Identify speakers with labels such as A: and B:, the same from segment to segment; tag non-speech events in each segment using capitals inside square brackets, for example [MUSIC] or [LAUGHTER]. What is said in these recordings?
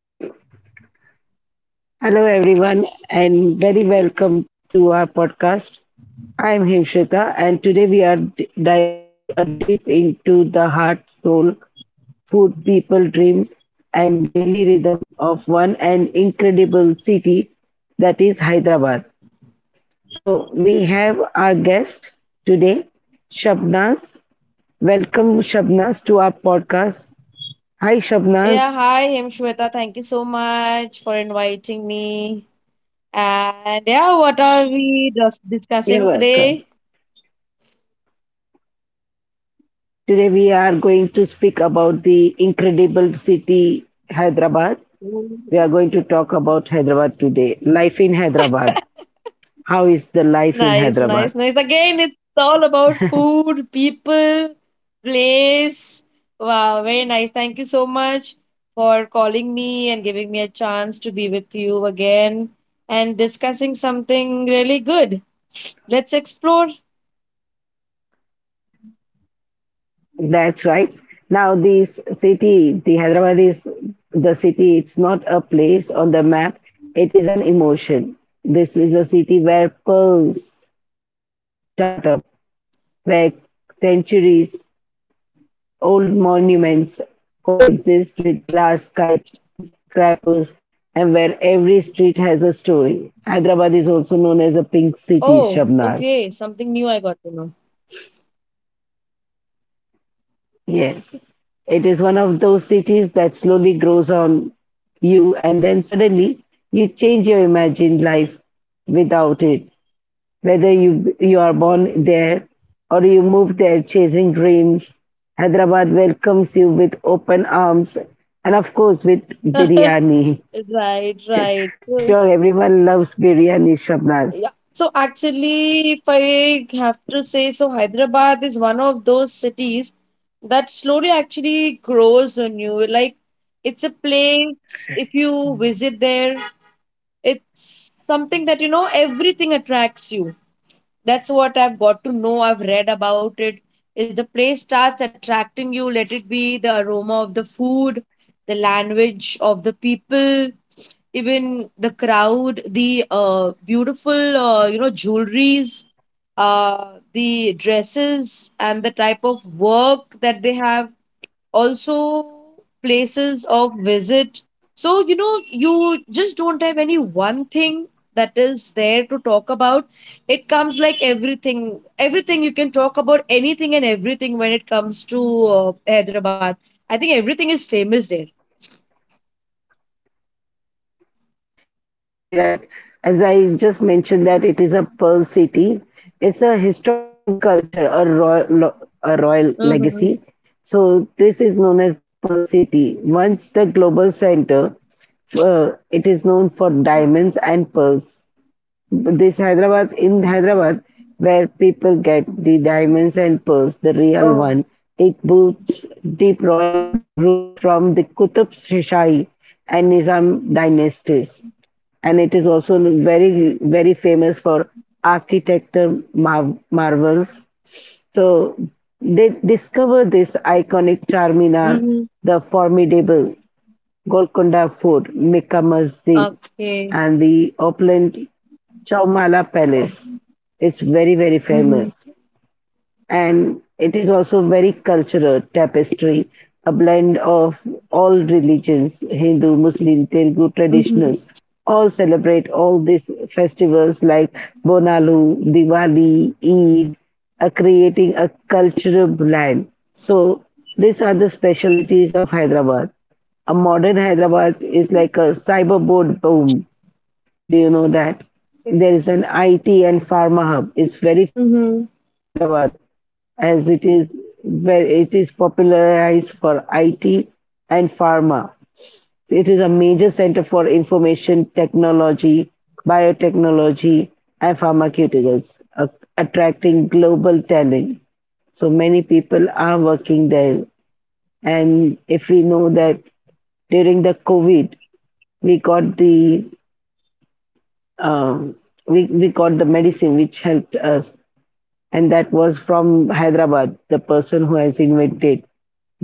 A: I Hello everyone and very welcome to our podcast. I am Himshika and today we are diving a deep into the heart, soul, food, people, dreams, and daily rhythm of one and incredible city that is Hyderabad. So we have our guest today, Shabnaz. Welcome Shabnaz to our podcast. Hi
B: Yeah,
A: Shabnaz.
B: hi Himshweta. Thank you so much for inviting me. And yeah, what are we just
A: You're
B: discussing
A: welcome.
B: today?
A: Today we are going to speak about the incredible city Hyderabad. We are
B: Mhm.
A: going to talk about Hyderabad today. Life in Hyderabad. How is the life in
B: Nice,
A: Hyderabad?
B: nice, nice. Again, it's all about food, people, place. Wow, very nice. Thank you so much for calling me and giving me a chance to be with you again and discussing something really good. Let's explore.
A: That's right. Now this city, the Hyderabad is the city. It's not a place on the map. It is an emotion. This is a city where pearls means startup, where centuries old monuments coexist with glass skyscrapers, and where every street has a story. Hyderabad is also known as a pink city,
B: Oh,
A: Shabnaz.
B: okay, something new I got to know.
A: Yes. It is one of those cities that slowly grows on you, and then suddenly you change your imagined life without it. Whether you are born there or you move there chasing dreams, Hyderabad welcomes you with open arms, and of course with biryani.
B: Right, right.
A: I'm
B: [LAUGHS]
A: sure everyone loves biryani, Shabnaz.
B: Yeah. So actually, if I have to say, so Hyderabad is one of those cities that slowly actually grows on you. Like it's a place, if you visit there, it's something that you know everything attracts you. That's what I've got to know. I've read about it. Is the place starts attracting you, let it be the aroma of the food, the language of the people, even the crowd, the beautiful, jewelries, the dresses, and the type of work that they have, also places of visit. So, you know, you just don't have any one thing that is there to talk about. It comes like everything, everything you can talk about, anything and everything when it comes to Hyderabad. I think everything is famous there.
A: That's very right. As I just mentioned that it is a pearl city. It's a historic and culture, a royal
B: Mm-hmm.
A: legacy. So this is known as the pearl city. Once the global center, it is known for diamonds and pearls. This Hyderabad, in Hyderabad, where people get the diamonds and pearls, the real
B: Oh.
A: one, it boots deep royal roots from the Qutub Shahi and Nizam dynasties. And it is also very, very famous for architecture marvels. So they discover this iconic Charminar,
B: Mm-hmm.
A: the formidable Golconda Fort, Mecca Masjid,
B: Okay.
A: and the opulent Chaumala
B: Oh,
A: Palace. It's very, very
B: mhm,
A: famous. And it is also very cultural tapestry, a blend of all religions, Hindu, Muslim, Telugu
B: mhm,
A: traditionals, all celebrate all these festivals like Bonalu, Diwali, Eid, are creating a cultural blend. So these are the specialities of Hyderabad. A modern Hyderabad is like a cyberboard boom, do you know that? There is an IT and pharma hub. It's very
B: mhm,
A: famous, Hyderabad, as it is where it is popularized for IT and pharma. It is a major center for information technology, biotechnology, and pharmaceuticals, attracting global talent. So many people are working there. And if we know that during the COVID, we got the um, we got the medicine which helped us, and that was from Hyderabad. The person who has invented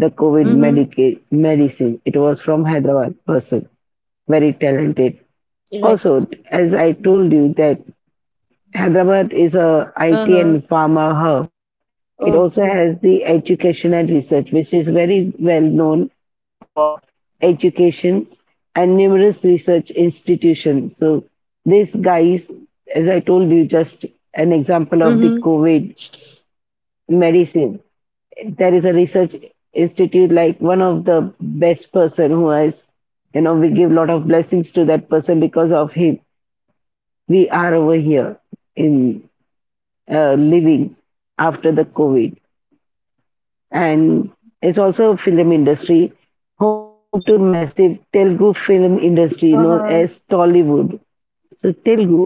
A: the COVID
B: mhm.
A: medicine, it was from Hyderabad person, very talented.
B: Right.
A: Also, as I told you that Hyderabad is a IT
B: Uh-huh.
A: and pharma hub. It also
B: Okay.
A: has the education and research, which is very well known for education and numerous research institutions. So these guys, as I told you, just an example of the
B: Mhm.
A: COVID medicine. There is a research institute like one of the best person who has, you know, we give lot of blessings to that person because of him. We are over here in living after the COVID, and it's also a film industry home to massive Telugu film industry known as
B: Uh-huh.
A: Tollywood. So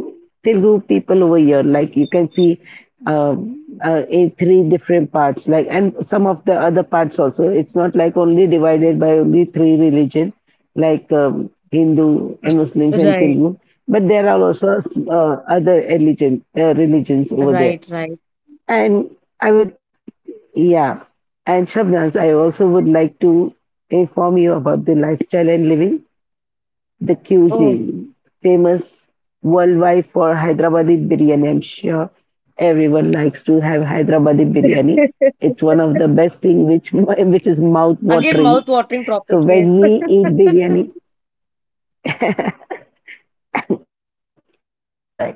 A: Telugu people over here, like you can see uh, in three different parts, like and some of the other parts also. It's not like only divided by only three religion, like Hindu and Muslims and
B: Right.
A: Telugu, but there are also other religion religions over
B: Right.
A: there.
B: Right.
A: And I would, yeah. And Shabnaz, I also would like to inform you about the lifestyle and living, the
B: Oh.
A: cuisine, famous worldwide for Hyderabadi biryani. I'm sure everyone likes to have Hyderabadi biryani.
B: [LAUGHS]
A: It's one of the best thing which [LAUGHS] which is mouth
B: Again,
A: watering.
B: mouth-watering topic.
A: So
B: Yes.
A: when we eat biryani, that's right.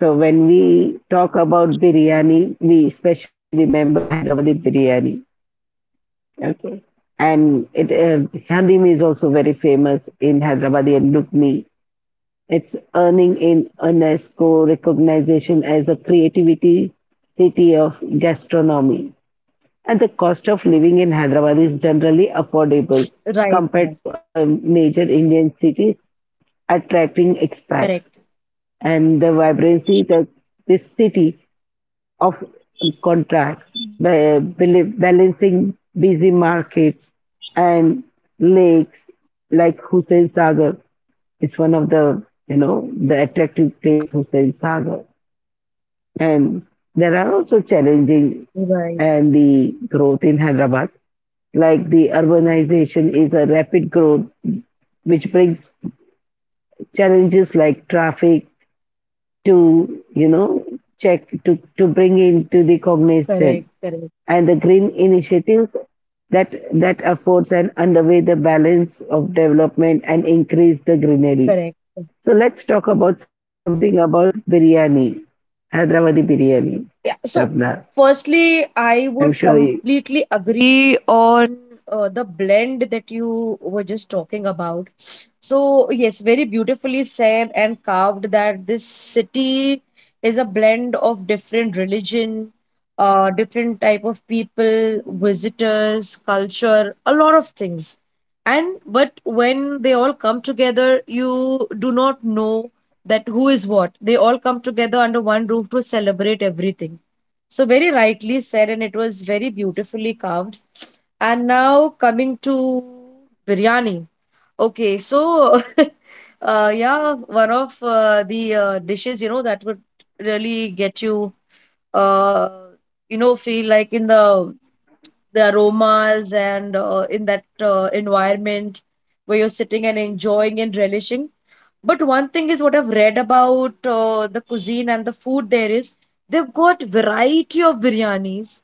A: So when we talk about biryani, we especially remember Hyderabadi biryani. Okay. And it Halim is also very famous in Hyderabad and Lugni. It's earning in UNESCO recognition as a creativity city of gastronomy. And the cost of living in Hyderabad is generally affordable
B: Right.
A: compared
B: Right.
A: to other major Indian cities, attracting expats.
B: Correct.
A: And the vibrancy that this city of contracts, balancing busy markets and lakes like Hussain Sagar. It's one of the, you know, the attractive place, Hussain Sagar. And there are also challenging
B: Right.
A: and the growth in Hyderabad. Like the urbanization is a rapid growth, which brings challenges like traffic to, you know, check to bring into the cognizance
B: Correct. Correct.
A: and the green initiatives that affords and underway the balance of development and increase the greenery.
B: Correct.
A: So let's talk about something about biryani, Hyderabadi biryani,
B: Yeah,
A: Shabna.
B: so firstly,
A: I'm
B: I
A: sure
B: would
A: you,
B: completely agree on the blend that you were just talking about. So, yes, very beautifully said and carved that this city is a blend of different religion, different type of people, visitors, culture, a lot of things. And but when they all come together, you do not know that who is what. They all come together under one roof to celebrate everything. So very rightly said, and it was very beautifully carved. And now coming to biryani. Okay, so [LAUGHS] yeah, one of the dishes, that would really get you, uh, feel like in the aromas and in that environment where you're sitting and enjoying and relishing. But one thing is what I've read about the cuisine and the food there is they've got variety of biryanis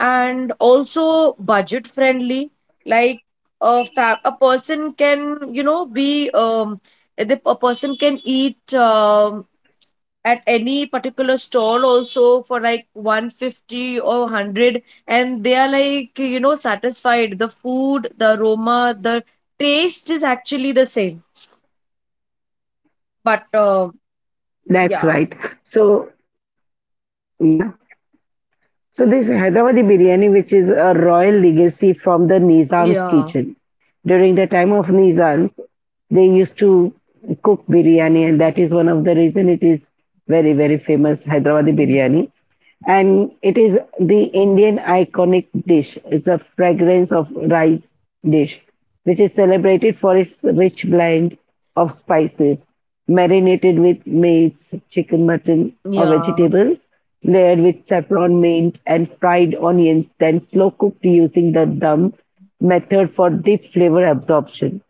B: and also budget friendly, like a person can eat at any particular stall also for like 150 or 100, and they are like satisfied. The food, the aroma, the taste is actually the same, but
A: that's
B: yeah,
A: right. So yeah, so this Hyderabadi biryani, which is a royal legacy from the Nizam's
B: yeah,
A: kitchen. During the time of Nizams, they used to cook biryani, and that is one of the reason it is very very famous Hyderabadi biryani and it is the Indian iconic dish. It's a fragrance of rice dish, which is celebrated for its rich blend of spices, marinated with meats, chicken, mutton, or
B: yeah,
A: vegetables, layered with saffron, mint, and fried onions, then slow cooked using the dum method for deep flavor absorption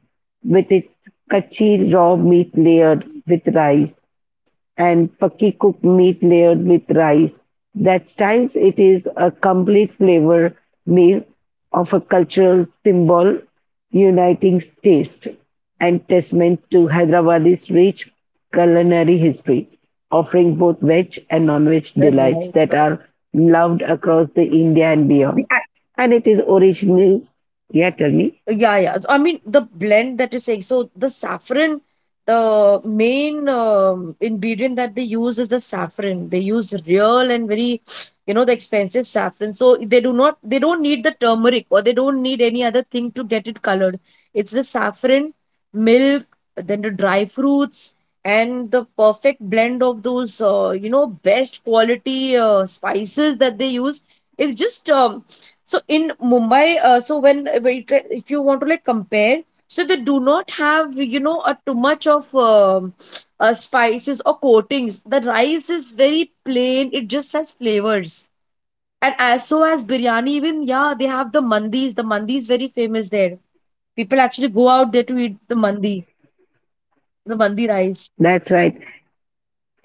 A: with its kachi raw meat layered with rice and pakki cooked meat layered with rice that styles it is a complete flavor meal of a cultural symbol uniting taste and testament to Hyderabad's rich culinary history, offering both veg and non-veg delights
B: right,
A: that
B: right,
A: are loved across the India and
B: the.
A: beyond. And it is originally, yeah, tell me.
B: Yeah, yeah. So, I mean, the blend that you're saying. So the saffron, the main ingredient that they use is the saffron. They use real and very, the expensive saffron. So they do not, they don't need the turmeric, or they don't need any other thing to get it colored. It's the saffron, milk, then the dry fruits, and the perfect blend of those, best quality spices that they use. It's just so in Mumbai, so when if you want to like compare, so they do not have, a too much of spices or coatings. The rice is very plain. It just has flavors. And as so as biryani, even yeah, they have the mandis. The mandi is very famous there. People actually go out there to eat the mandi rice.
A: That's right.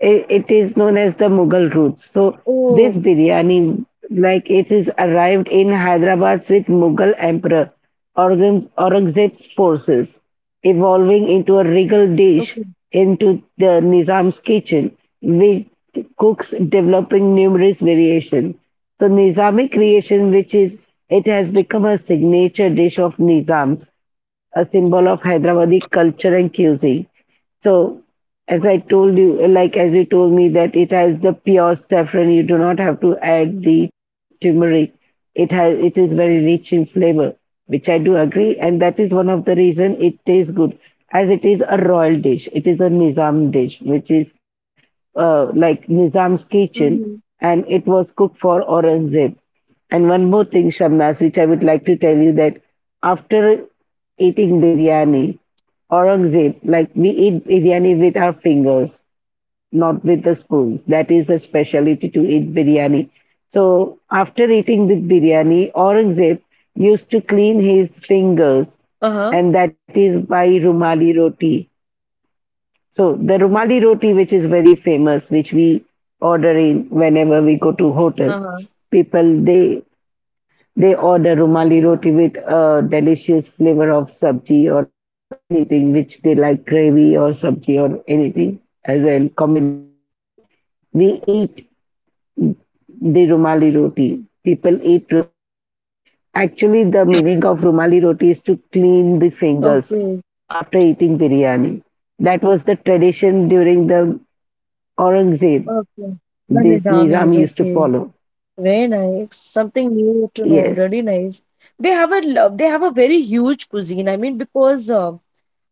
A: It is known as the Mughal roots. So this
B: Oh,
A: biryani, like it is arrived in Hyderabad with Mughal Emperor Aurangzeb's forces, evolving into a regal dish
B: okay.
A: into the Nizam's kitchen, with cooks developing numerous variations. So Nizami creation, which is it has become a signature dish of Nizams, a symbol of Hyderabadi culture and cuisine. So, as I told you, like as you told me that it has the pure saffron, you do not have to add the turmeric. It has it is very rich in flavor, which I do agree, and that is one of the reason it tastes good. As it is a royal dish, it is a Nizam dish, which is like Nizam's kitchen,
B: Hmm.
A: and it was cooked for Aurangzeb. And one more thing, Shamnas, which I would like to tell you that after eating biryani, Aurangzeb, like we eat biryani with our fingers, not with the spoons. That is a specialty to eat biryani. So after eating the biryani, Aurangzeb used to clean his fingers,
B: Uh-huh.
A: and that is by rumali roti. So the rumali roti, which is very famous, which we order in whenever we go to hotel,
B: Uh-huh.
A: people they order rumali roti with a delicious flavor of sabji or anything which they like, gravy or sabji or anything as a combination. We eat the rumali roti. People eat rumali roti, but actually the meaning of rumali roti is to clean the
B: Okay.
A: fingers after eating biryani. That was the tradition during the Aurangzeb.
B: Okay. The Nizami
A: This
B: is
A: Nizam
B: okay.
A: used to follow.
B: Very nice. Something new to know. Really
A: Yes.
B: nice. They have a very huge cuisine. I mean, because uh,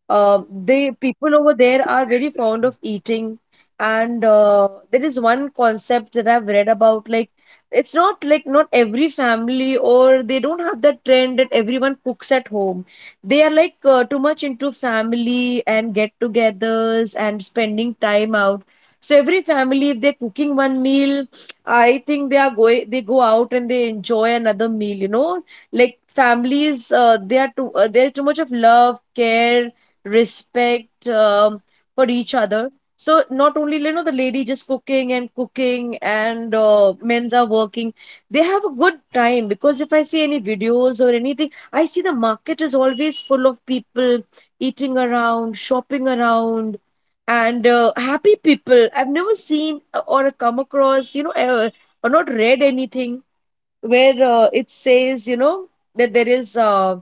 B: uh, they people over there are very fond of eating, and there is one concept that I've read about. Like, it's not like not every family or they don't have that trend that everyone cooks at home. They are like too much into family and get-togethers and spending time out. So every family, if they're cooking one meal, I think they are going. They go out and they enjoy another meal. Like families they are too there is too much of love, care, respect, for each other. So not only the lady just cooking and cooking, and men's are working, they have a good time, because if I see any videos or anything, I see the market is always full of people eating around, shopping around, and happy people. I've never seen, or come across, or not read anything where it says, that there is.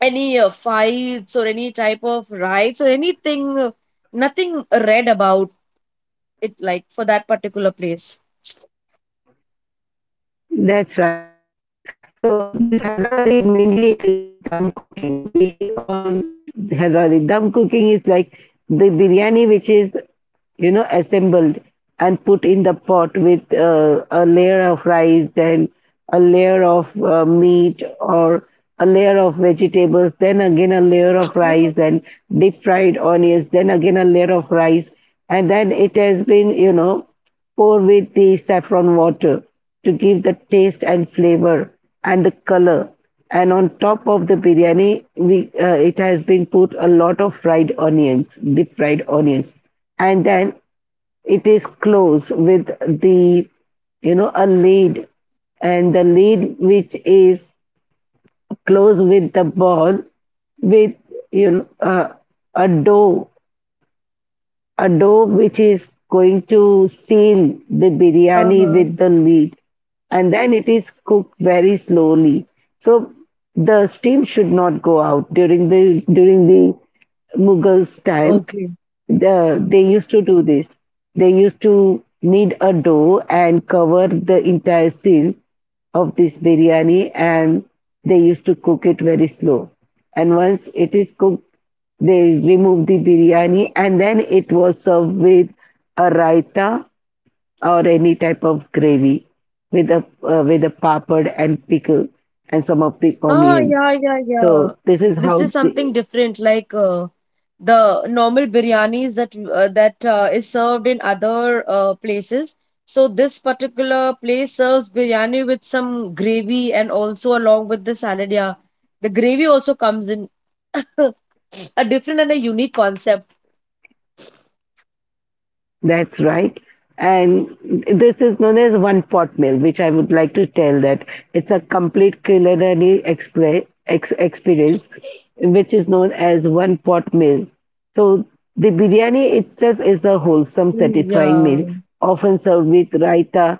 B: Any fights or any type of riots or anything, nothing read about it, like for that particular place.
A: That's right. So this Hyderabadi mainly it is the dum cooking. We all eat Hyderabadi. Dum cooking is like the biryani which is you know assembled and put in the pot with a layer of rice, then a layer of meat or a layer of vegetables, then again a layer of rice, then deep fried onions, then again a layer of rice, and then it has been you know pour with the saffron water to give the taste and flavor and the color. And on top of the biryani, we it has been put a lot of fried onions, deep fried onions, and then it is closed with the you know a lid, and the lid which is closed with the ball with you know a dough a dough which is going to seal the biryani
B: Uh-huh.
A: with the lid and then it is cooked very slowly. So the steam should not go out during the Mughals time
B: Okay.
A: the, they used to do this. They used to knead a dough and cover the entire seal of this biryani, and they used to cook it very slow. And once it is cooked, they remove the biryani, and then it was served with a raita or any type of gravy with a with a papad and pickle and some of the
B: Ah,
A: onions.
B: yeah, yeah, yeah.
A: So this is
B: This is
A: how
B: something
A: the
B: different, like the normal biryanis that is served in other places. So this particular place serves biryani with some gravy and also along with the salad. Yeah, the gravy also comes in [LAUGHS] a different and a unique concept.
A: That's right. And this is known as one pot meal, which I would like to tell that it's a complete culinary experience, which is known as one pot meal. So the biryani itself is a wholesome, satisfying
B: Yeah,
A: meal, often served with raita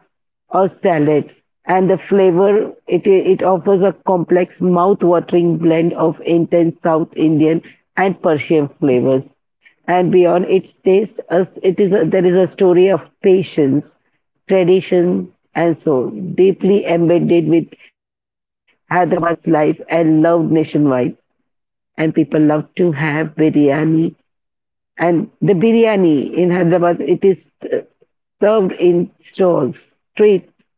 A: or salad. And the flavor, it offers a complex, mouth-watering blend of intense South Indian and Persian flavors. And beyond its taste, us it is a, there is a story of patience, tradition, and soul, deeply embedded with Hyderabad's life and loved nationwide. And people love to have biryani and the biryani in Hyderabad, it is served in stalls, street.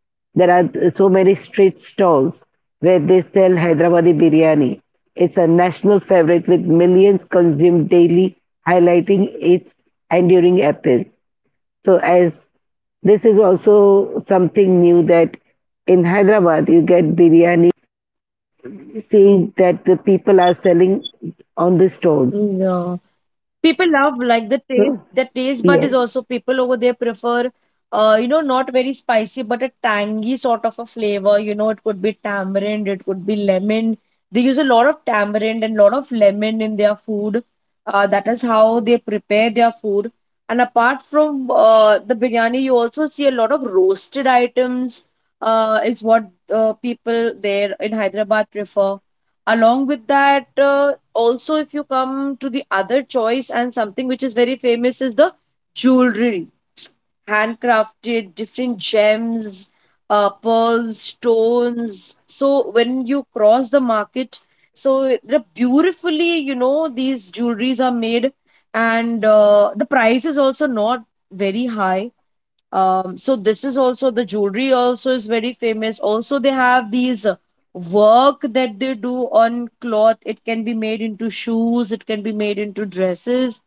A: There are so many street stalls where they sell Hyderabadi biryani. It's a national favorite with millions consumed daily, highlighting its enduring appeal. So, as this is also something new that in Hyderabad you get biryani, seeing that the people are selling on the stalls.
B: yeah. People love,
A: So,
B: like, the taste. The
A: yes,
B: taste bud is also, people over there prefer, not very spicy, but a tangy sort of a flavor. It could be tamarind, it could be lemon. They use a lot of tamarind and lot of lemon in their food. That is how they prepare their food. And apart from the biryani, you also see a lot of roasted items. Is what people there in Hyderabad prefer. Along with that. Also, if you come to the other choice, and something which is very famous is the jewelry, handcrafted, different gems, pearls, stones. So when you cross the market, so they're beautifully, these jewelries are made, and the price is also not very high. So this is also, the jewelry also is very famous. Also, they have these work that they do on cloth. It can be made into shoes, it can be made into dresses.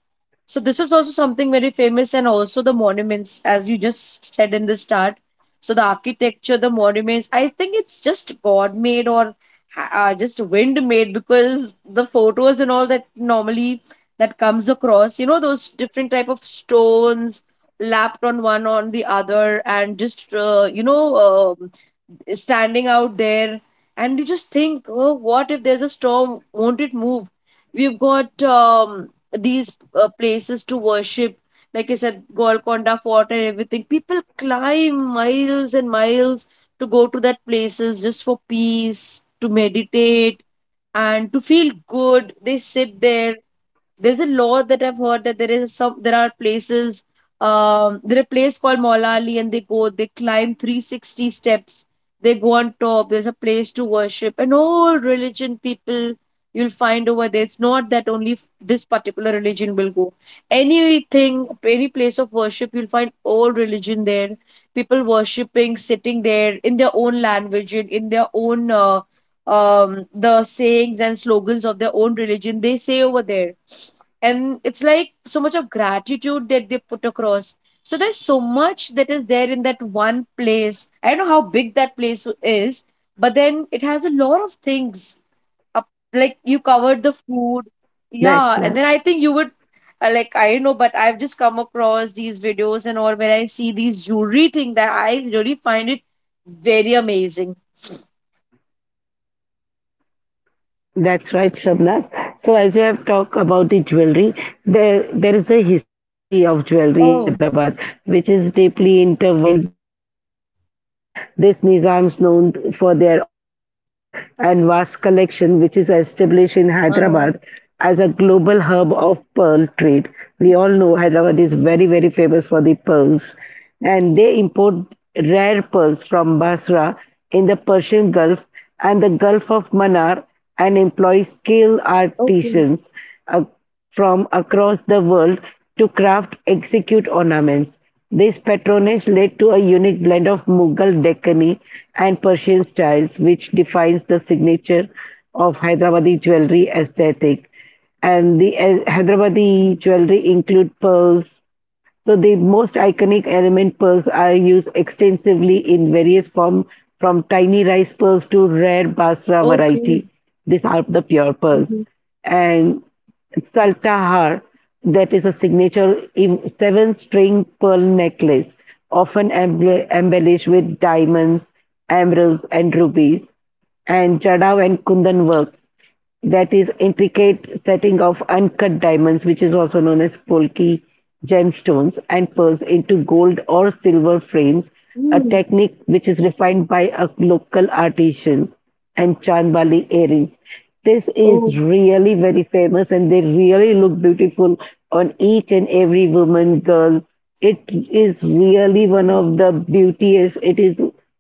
B: So this is also something very famous, and also the monuments, as you just said in the start. So the architecture, the monuments, I think it's just God-made or just wind-made, because the photos and all that normally that comes across, those different type of stones lapped on one on the other, and um standing out there. And you just think, oh, what if there's a storm, won't it move? We've got these places to worship. Like I said, Golconda Fort and everything. People climb miles and miles to go to that places, just for peace, to meditate, and to feel good. They sit there. There's a law that I've heard, that there is some. There are places, there are a place called Molali, and they climb 360 steps, they go on top. There's a place to worship, and all religion people you'll find over there. It's not that only this particular religion will go. Anything, any place of worship, you'll find all religion there, people worshiping, sitting there in their own language, in their own the sayings and slogans of their own religion they say over there. And it's like so much of gratitude that they put across. So there's so much that is there in that one place. I don't know how big that place is, but then it has a lot of things up. Like, you covered the food.
A: that's right.
B: Yeah, and then I think you would, like, I don't know, but I've just come across these videos and all where I see these jewelry thing that I really find it very amazing.
A: That's right, Shabnas. So, as you have talked about the jewelry, there is a history of jewelry in Hyderabad,
B: Oh.
A: which is deeply intertwined with its royal past. This Nizams, known for their opulent lifestyle and vast collection, which is established in Hyderabad
B: Uh-huh.
A: as a global hub of pearl trade. We all know Hyderabad is very, very famous for the pearls, and they import rare pearls from Basra in the Persian Gulf and the Gulf of Manar and employs skilled
B: Okay.
A: artisans uh, from across the world to craft execute ornaments. This patronage led to a unique blend of Mughal Deccani and Persian styles, which defines the signature of Hyderabadi jewelry aesthetic. And the Hyderabadi jewelry include pearls, so the most iconic element pearls are used extensively in various forms, from tiny rice pearls to rare basra
B: Okay.
A: variety. These are the pure pearls.
B: Mm-hmm.
A: And saltahar, that is a signature in seven-string pearl necklace, often embellished with diamonds, emeralds, and rubies and Jadao and Kundan work. That is intricate setting of uncut diamonds, which is also known as Polki gemstones and pearls into gold or silver frames, a
B: Mm.
A: technique which is refined by a local artisan and chandbali earrings. This
B: Oh.
A: is really very famous and they really look beautiful on each and every woman girl. It is really one of the beautiest. It is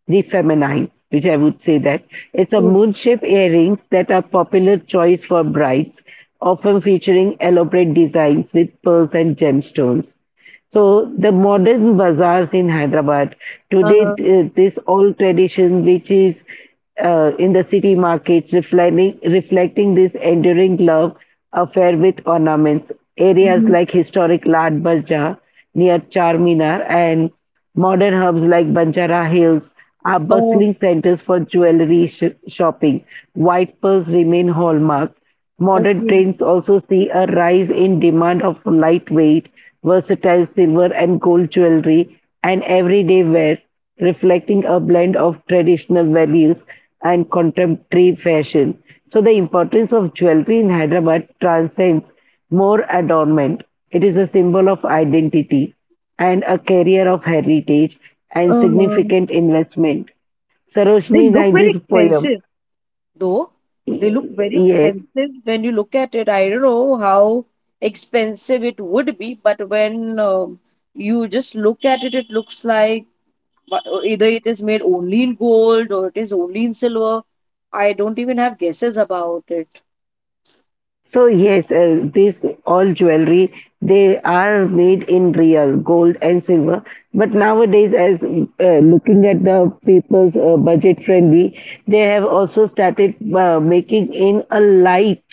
A: the feminine, which I would say that it's a
B: Oh,
A: moon shape earrings that are popular choice for brides, often featuring elaborate designs with pearls and gemstones. So the modern bazaars in Hyderabad today,
B: uh-huh.
A: this old tradition which is in the city markets, reflecting this enduring love affair with ornaments. Areas like historic Lad Bazaar near Charminar and modern hubs like Banjara Hills are
B: Oh,
A: bustling centers for jewelry shopping. White pearls remain hallmark. Modern
B: okay.
A: trends also see a rise in demand of lightweight, versatile silver and gold jewelry and everyday wear, reflecting a blend of traditional values and contemporary fashion. So, the importance of jewelry in Hyderabad transcends more adornment. It is a symbol of identity and a carrier of heritage and
B: Uh-huh.
A: significant investment.
B: They
A: Sarojini
B: look very
A: Naidu's poem,
B: expensive, though. They look very expensive when you look at it. I don't know how expensive it would be, but when, you just look at it, it looks like, either it is made only in gold or it is only in silver. I don't even have guesses about it.
A: so yes, this all jewelry they are made in real gold and silver. But nowadays, as looking at the people's budget friendly, they have also started making in a light.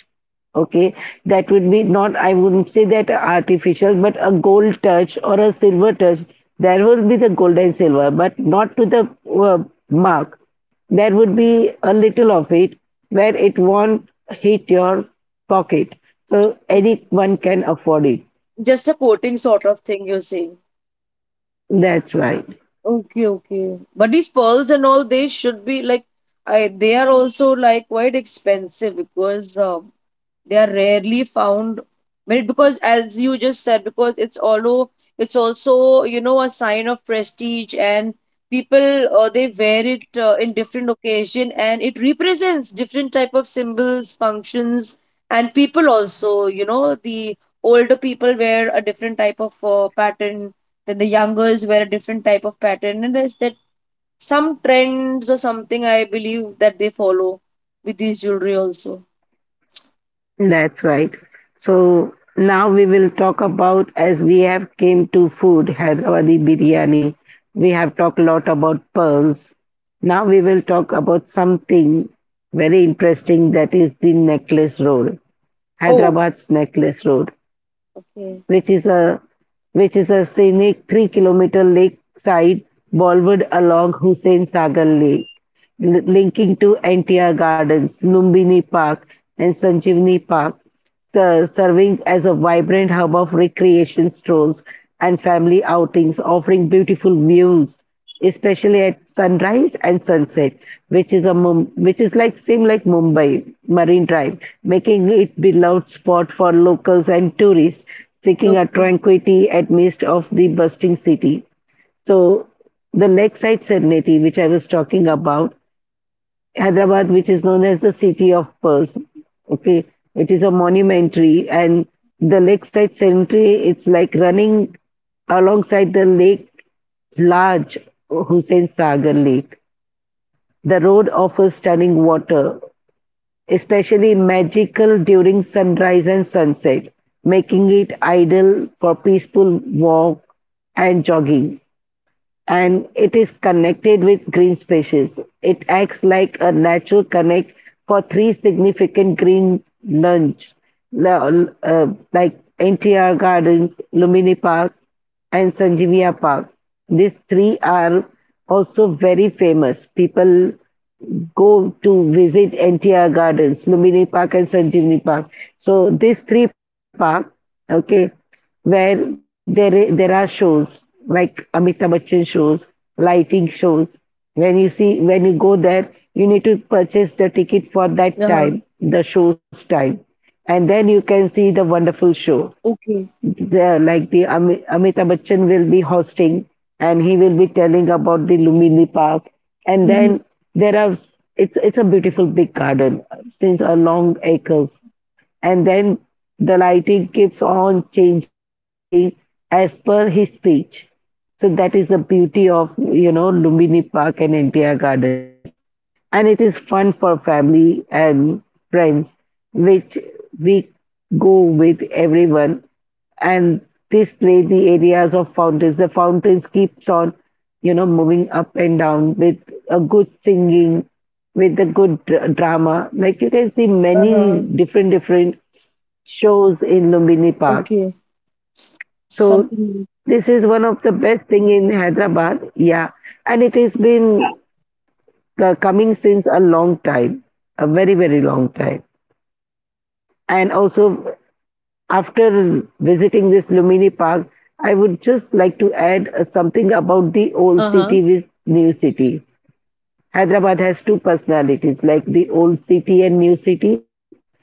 A: Okay, that would be not, I wouldn't say that artificial, but a gold touch or a silver touch. There will be the gold and silver, but not to the uh, mark. There would be a little of it where it won't hit your pocket. So anyone can afford it.
B: Just a coating sort of thing, you're saying.
A: That's right.
B: Okay, okay. But these pearls and all, they should be like, I they are also like quite expensive, because they are rarely found, but because, as you just said, because it's also a sign of prestige, and people, they wear it, in different occasion, and it represents different type of symbols, functions, and people also. The older people wear a different type of pattern, then the youngers wear a different type of pattern, and there's that some trends or something I believe that they follow with these jewelry also.
A: That's right. So now we will talk about as we have came to food, Hyderabadi biryani. We have talked a lot about pearls. Now we will talk about something very interesting, that is the necklace road,
B: Oh.
A: Hyderabad's necklace road,
B: Okay.
A: which is a which is a scenic 3 kilometer lakeside boulevard along Hussain Sagar Lake, linking to NTR Gardens, Lumbini Park, and Sanjeevani Park, serving as a vibrant hub of recreation strolls and family outings, offering beautiful views especially at sunrise and sunset, which is a which is like same like Mumbai Marine Drive, making it beloved spot for locals and tourists seeking a
B: Okay.
A: tranquility at midst of the bustling city. So the lakeside serenity, which I was talking about, Hyderabad, which is known as the City of Pearls. Okay, it is a monumentary and the lakeside cemetery. It's like running alongside the lake, large Hussain Sagar Lake. The road offers stunning water, especially magical during sunrise and sunset, making it ideal for peaceful walk and jogging and it is connected with green spaces. It acts like a natural connect for three significant green lunch, la- like NTR Gardens, Lumini Park, and Sanjivia Park. These three are also very famous. People go to visit NTR Gardens, Lumini Park, and Sanjivni Park. So these three parks, okay, where there are shows like Amitabh Bachchan shows, lighting shows. When you go there, you need to purchase the ticket for that
B: Uh-huh.
A: time, the show's time, and then you can see the wonderful show.
B: Okay.
A: The, like the Amitabh Bachchan will be hosting, and he will be telling about the Lumini Park, and
B: Mm-hmm.
A: then there are, it's a beautiful big garden since a long acres and then the lighting keeps on changing as per his speech. So that is the beauty of you know Lumbini Park and NTR Gardens, and it is fun for family and friends, which we go with everyone. And display the areas of fountains. The fountains keeps on you know moving up and down with a good singing, with the good drama. Like you can see many
B: Uh-huh.
A: different different shows in Lumbini Park.
B: Okay.
A: So
B: Something new.
A: this is one of the best thing in Hyderabad. Yeah, and it has been coming since a long time, a very very long time. And also after visiting this Lumbini Park, I would just like to add something about the old
B: Uh-huh.
A: city with new city. Hyderabad has two personalities, like the old city and new city.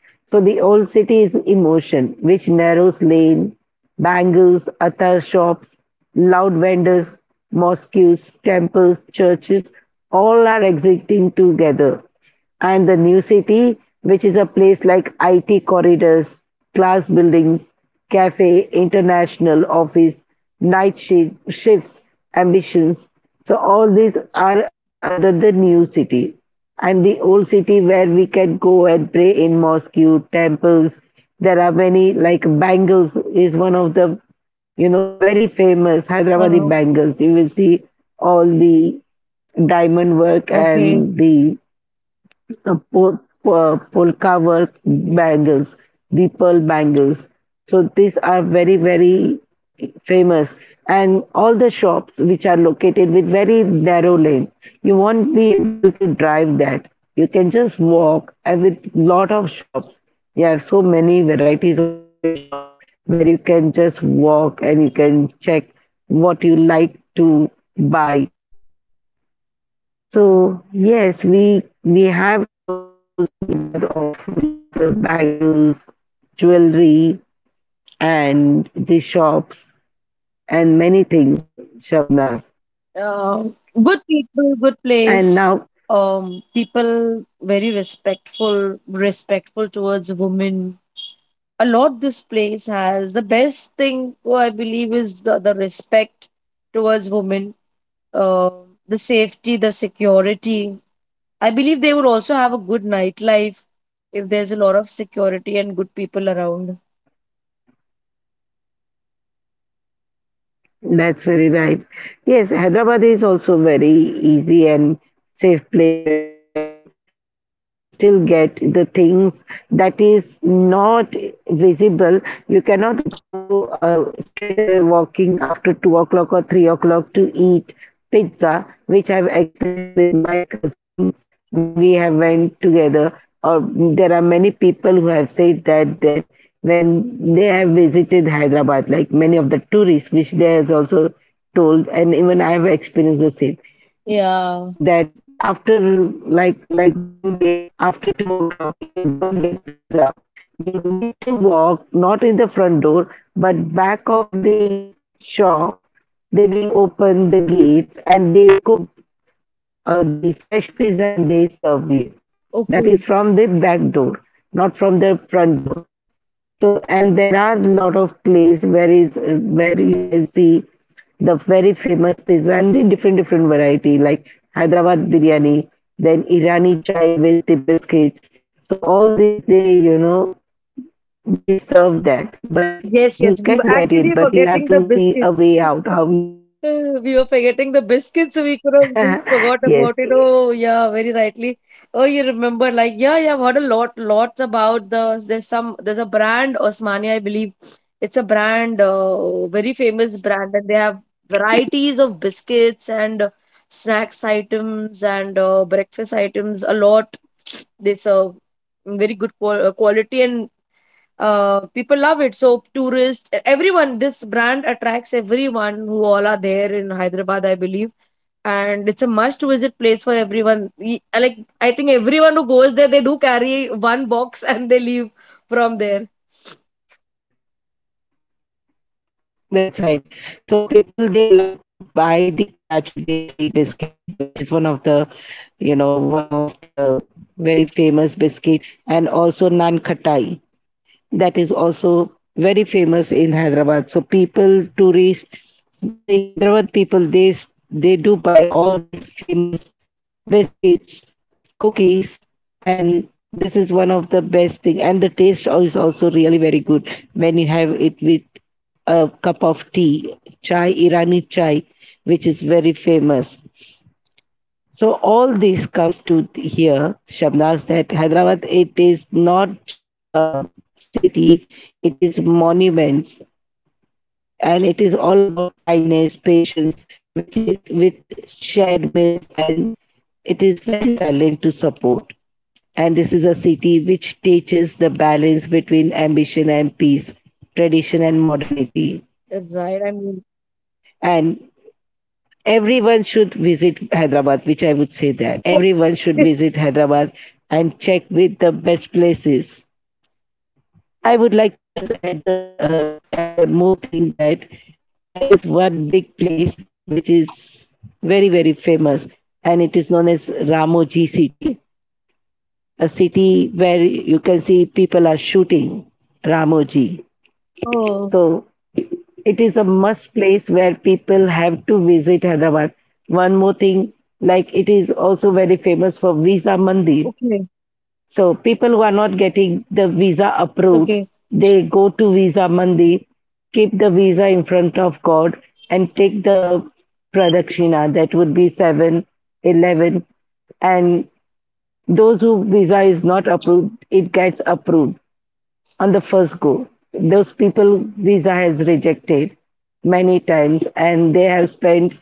A: So the old city is emotion, which narrows lane, bangles, atar shops, loud vendors, mosques, temples, churches, all are existing together. And the new city, which is a place like IT corridors, class buildings, Cafe International office, night shifts, ambitions. So all these are under the new city. And the old city where we can go and pray in mosque, temples. There are many like bangles is one of the you know very famous Hyderabadi
B: Uh-huh.
A: bangles. You will see all the diamond work
B: Okay.
A: and the polka work bangles, the pearl bangles. So these are very, very famous. And all the shops which are located with very narrow lane, you won't be able to drive that. You can just walk and with lot of shops. You have so many varieties of different shops where you can just walk and you can check what you like to buy. So yes, we have clothes but of like bangles, jewelry, and the shops and many things, Shabnaz.
B: Uh, good people, good
A: And
B: place.
A: now
B: People very respectful, respectful towards women. A lot this place has. The best thing, I believe, is the respect towards women, uh, the safety, the security. I believe they would also have a good nightlife, if there's a lot of security and good people around.
A: that's very right. Yes, Hyderabad is also very easy and safe place where you can, you know, still get the things that is not visible. You cannot go straight away walking after 2 o'clock or 3 o'clock to eat pizza, which I've experienced with my cousins when we have went together. Or there are many people who have said that when they have visited Hyderabad, like many of the tourists, which they has also told, and even I have experienced the same,
B: Yeah.
A: that after like Bombay, after 2 o'clock, you do not get pizza. You need to walk not in the front door, but back of the shop. They will open the gates and they cook the fresh pizza and they serve you. That
B: Okay.
A: is from the back door, not from the front door. So, and there are a lot of place where is where you can see the very famous pizza and very different different variety like Hyderabad biryani, then Irani chai with the biscuits. So all these they you know they serve that, but
B: Yes,
A: you
B: yes. We
A: can
B: were
A: get it,
B: actually
A: but you have
B: forgetting
A: to
B: the
A: see a
B: biscuits.
A: way out how
B: [LAUGHS]
A: you can get
B: We were forgetting the biscuits, so we could have just
A: it. [LAUGHS]
B: forgot
A: Yes,
B: about it. Oh, yeah, very rightly. Oh, you remember, like, yeah, yeah, I've heard lots about the. There's a brand, Osmania, I believe. It's a brand, very famous brand, and they have varieties of biscuits and snacks items and breakfast items. A lot they serve, very good quality, and people love it. So tourists, everyone, this brand attracts everyone who all are there in Hyderabad, I believe. And it's a must-visit place for everyone. Like, I think everyone who goes there, they do carry one box [LAUGHS] and they leave from there.
A: that's right. So people they love to buy the Karachi bakery biscuits, which is one of the, you know, one of the very famous biscuit, and also naan khatai, that is also very famous in Hyderabad. So people, tourists, the Hyderabad people, they do buy all these famous biscuits, cookies, and this is one of the best thing. And the taste is also really very good when you have it with a cup of tea, chai, Irani chai, which is very famous. So all this comes to here, Shabnaz, that Hyderabad it is not just a city, it is monuments and it is all about kindness, patience, which is with shared meals and it is very silent to support. And this is a city which teaches the balance between ambition and peace, tradition and modernity.
B: Right? I mean,
A: And everyone should visit Hyderabad, which I would say that everyone should
B: [LAUGHS]
A: visit Hyderabad and check with the best places. I would like to just add add one more thing, that there is one big place which is very very famous and it is known as Ramoji City, a city where you can see people are shooting Ramoji.
B: oh,
A: So it is a must place where people have to visit Hyderabad. One more thing, like it is also very famous for Visa Mandir.
B: okay,
A: So people who are not getting the visa approved,
B: okay,
A: they go to Visa Mandir, keep the visa in front of God, and take the pradakshina. That would be seven, 11, and those who visa is not approved, it gets approved on the first go. Those people visa has rejected many times and they have spent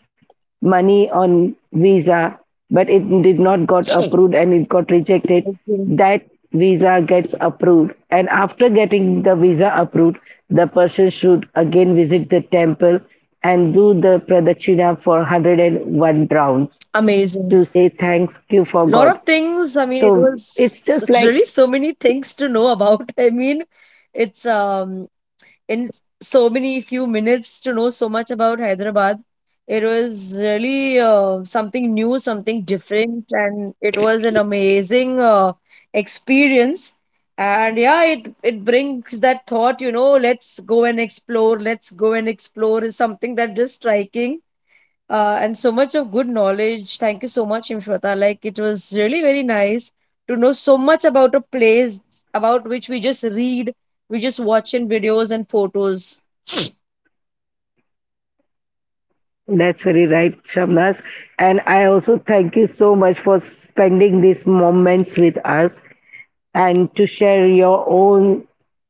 A: money on visa but it did not got approved and it got rejected,
B: okay.
A: that visa gets approved and after getting the visa approved the person should again visit the temple and do the pradakshina for 101 rounds
B: Amazing.
A: to say thanks you for
B: Lot
A: god.
B: of things. I mean,
A: So
B: it was
A: it's just
B: really
A: like
B: so many things to know about. [LAUGHS] I mean, it's in so many few minutes to know so much about Hyderabad. It was really, something new, something different, and it was an amazing experience. And yeah, it brings that thought, let's go and explore, let's go and explore is something that just striking, and so much of good knowledge. Thank you so much, Imshwata. Like, it was really very nice to know so much about a place about which we just read, we just watch in videos and photos.
A: that's very right, Shabnas. And I also thank you so much for spending these moments with us and to share your own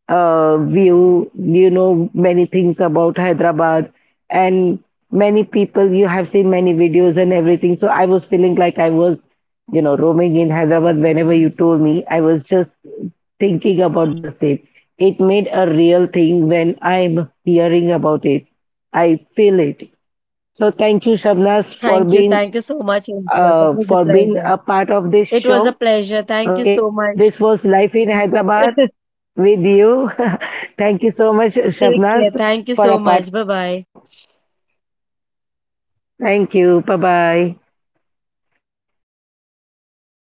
A: view. You know many things about Hyderabad and many people. You have seen many videos and everything. So I was feeling like I was, you know, roaming in Hyderabad whenever you told me. I was just thinking about the same. It made a real thing when I'm hearing about it. I feel it. So thank you, Shabnas,
B: Thank you so much, Imshwata. It was a
A: for being
B: pleasure.
A: a part of this
B: It was a
A: show.
B: pleasure. Thank you
A: Okay,
B: so much.
A: this was Life in Hyderabad
B: [LAUGHS]
A: with you. [LAUGHS] Thank you so much,
B: Take care.
A: Shabnas,
B: Thank you
A: for a
B: so
A: part
B: much. Bye
A: of this
B: bye.
A: show. Thank you. Bye bye.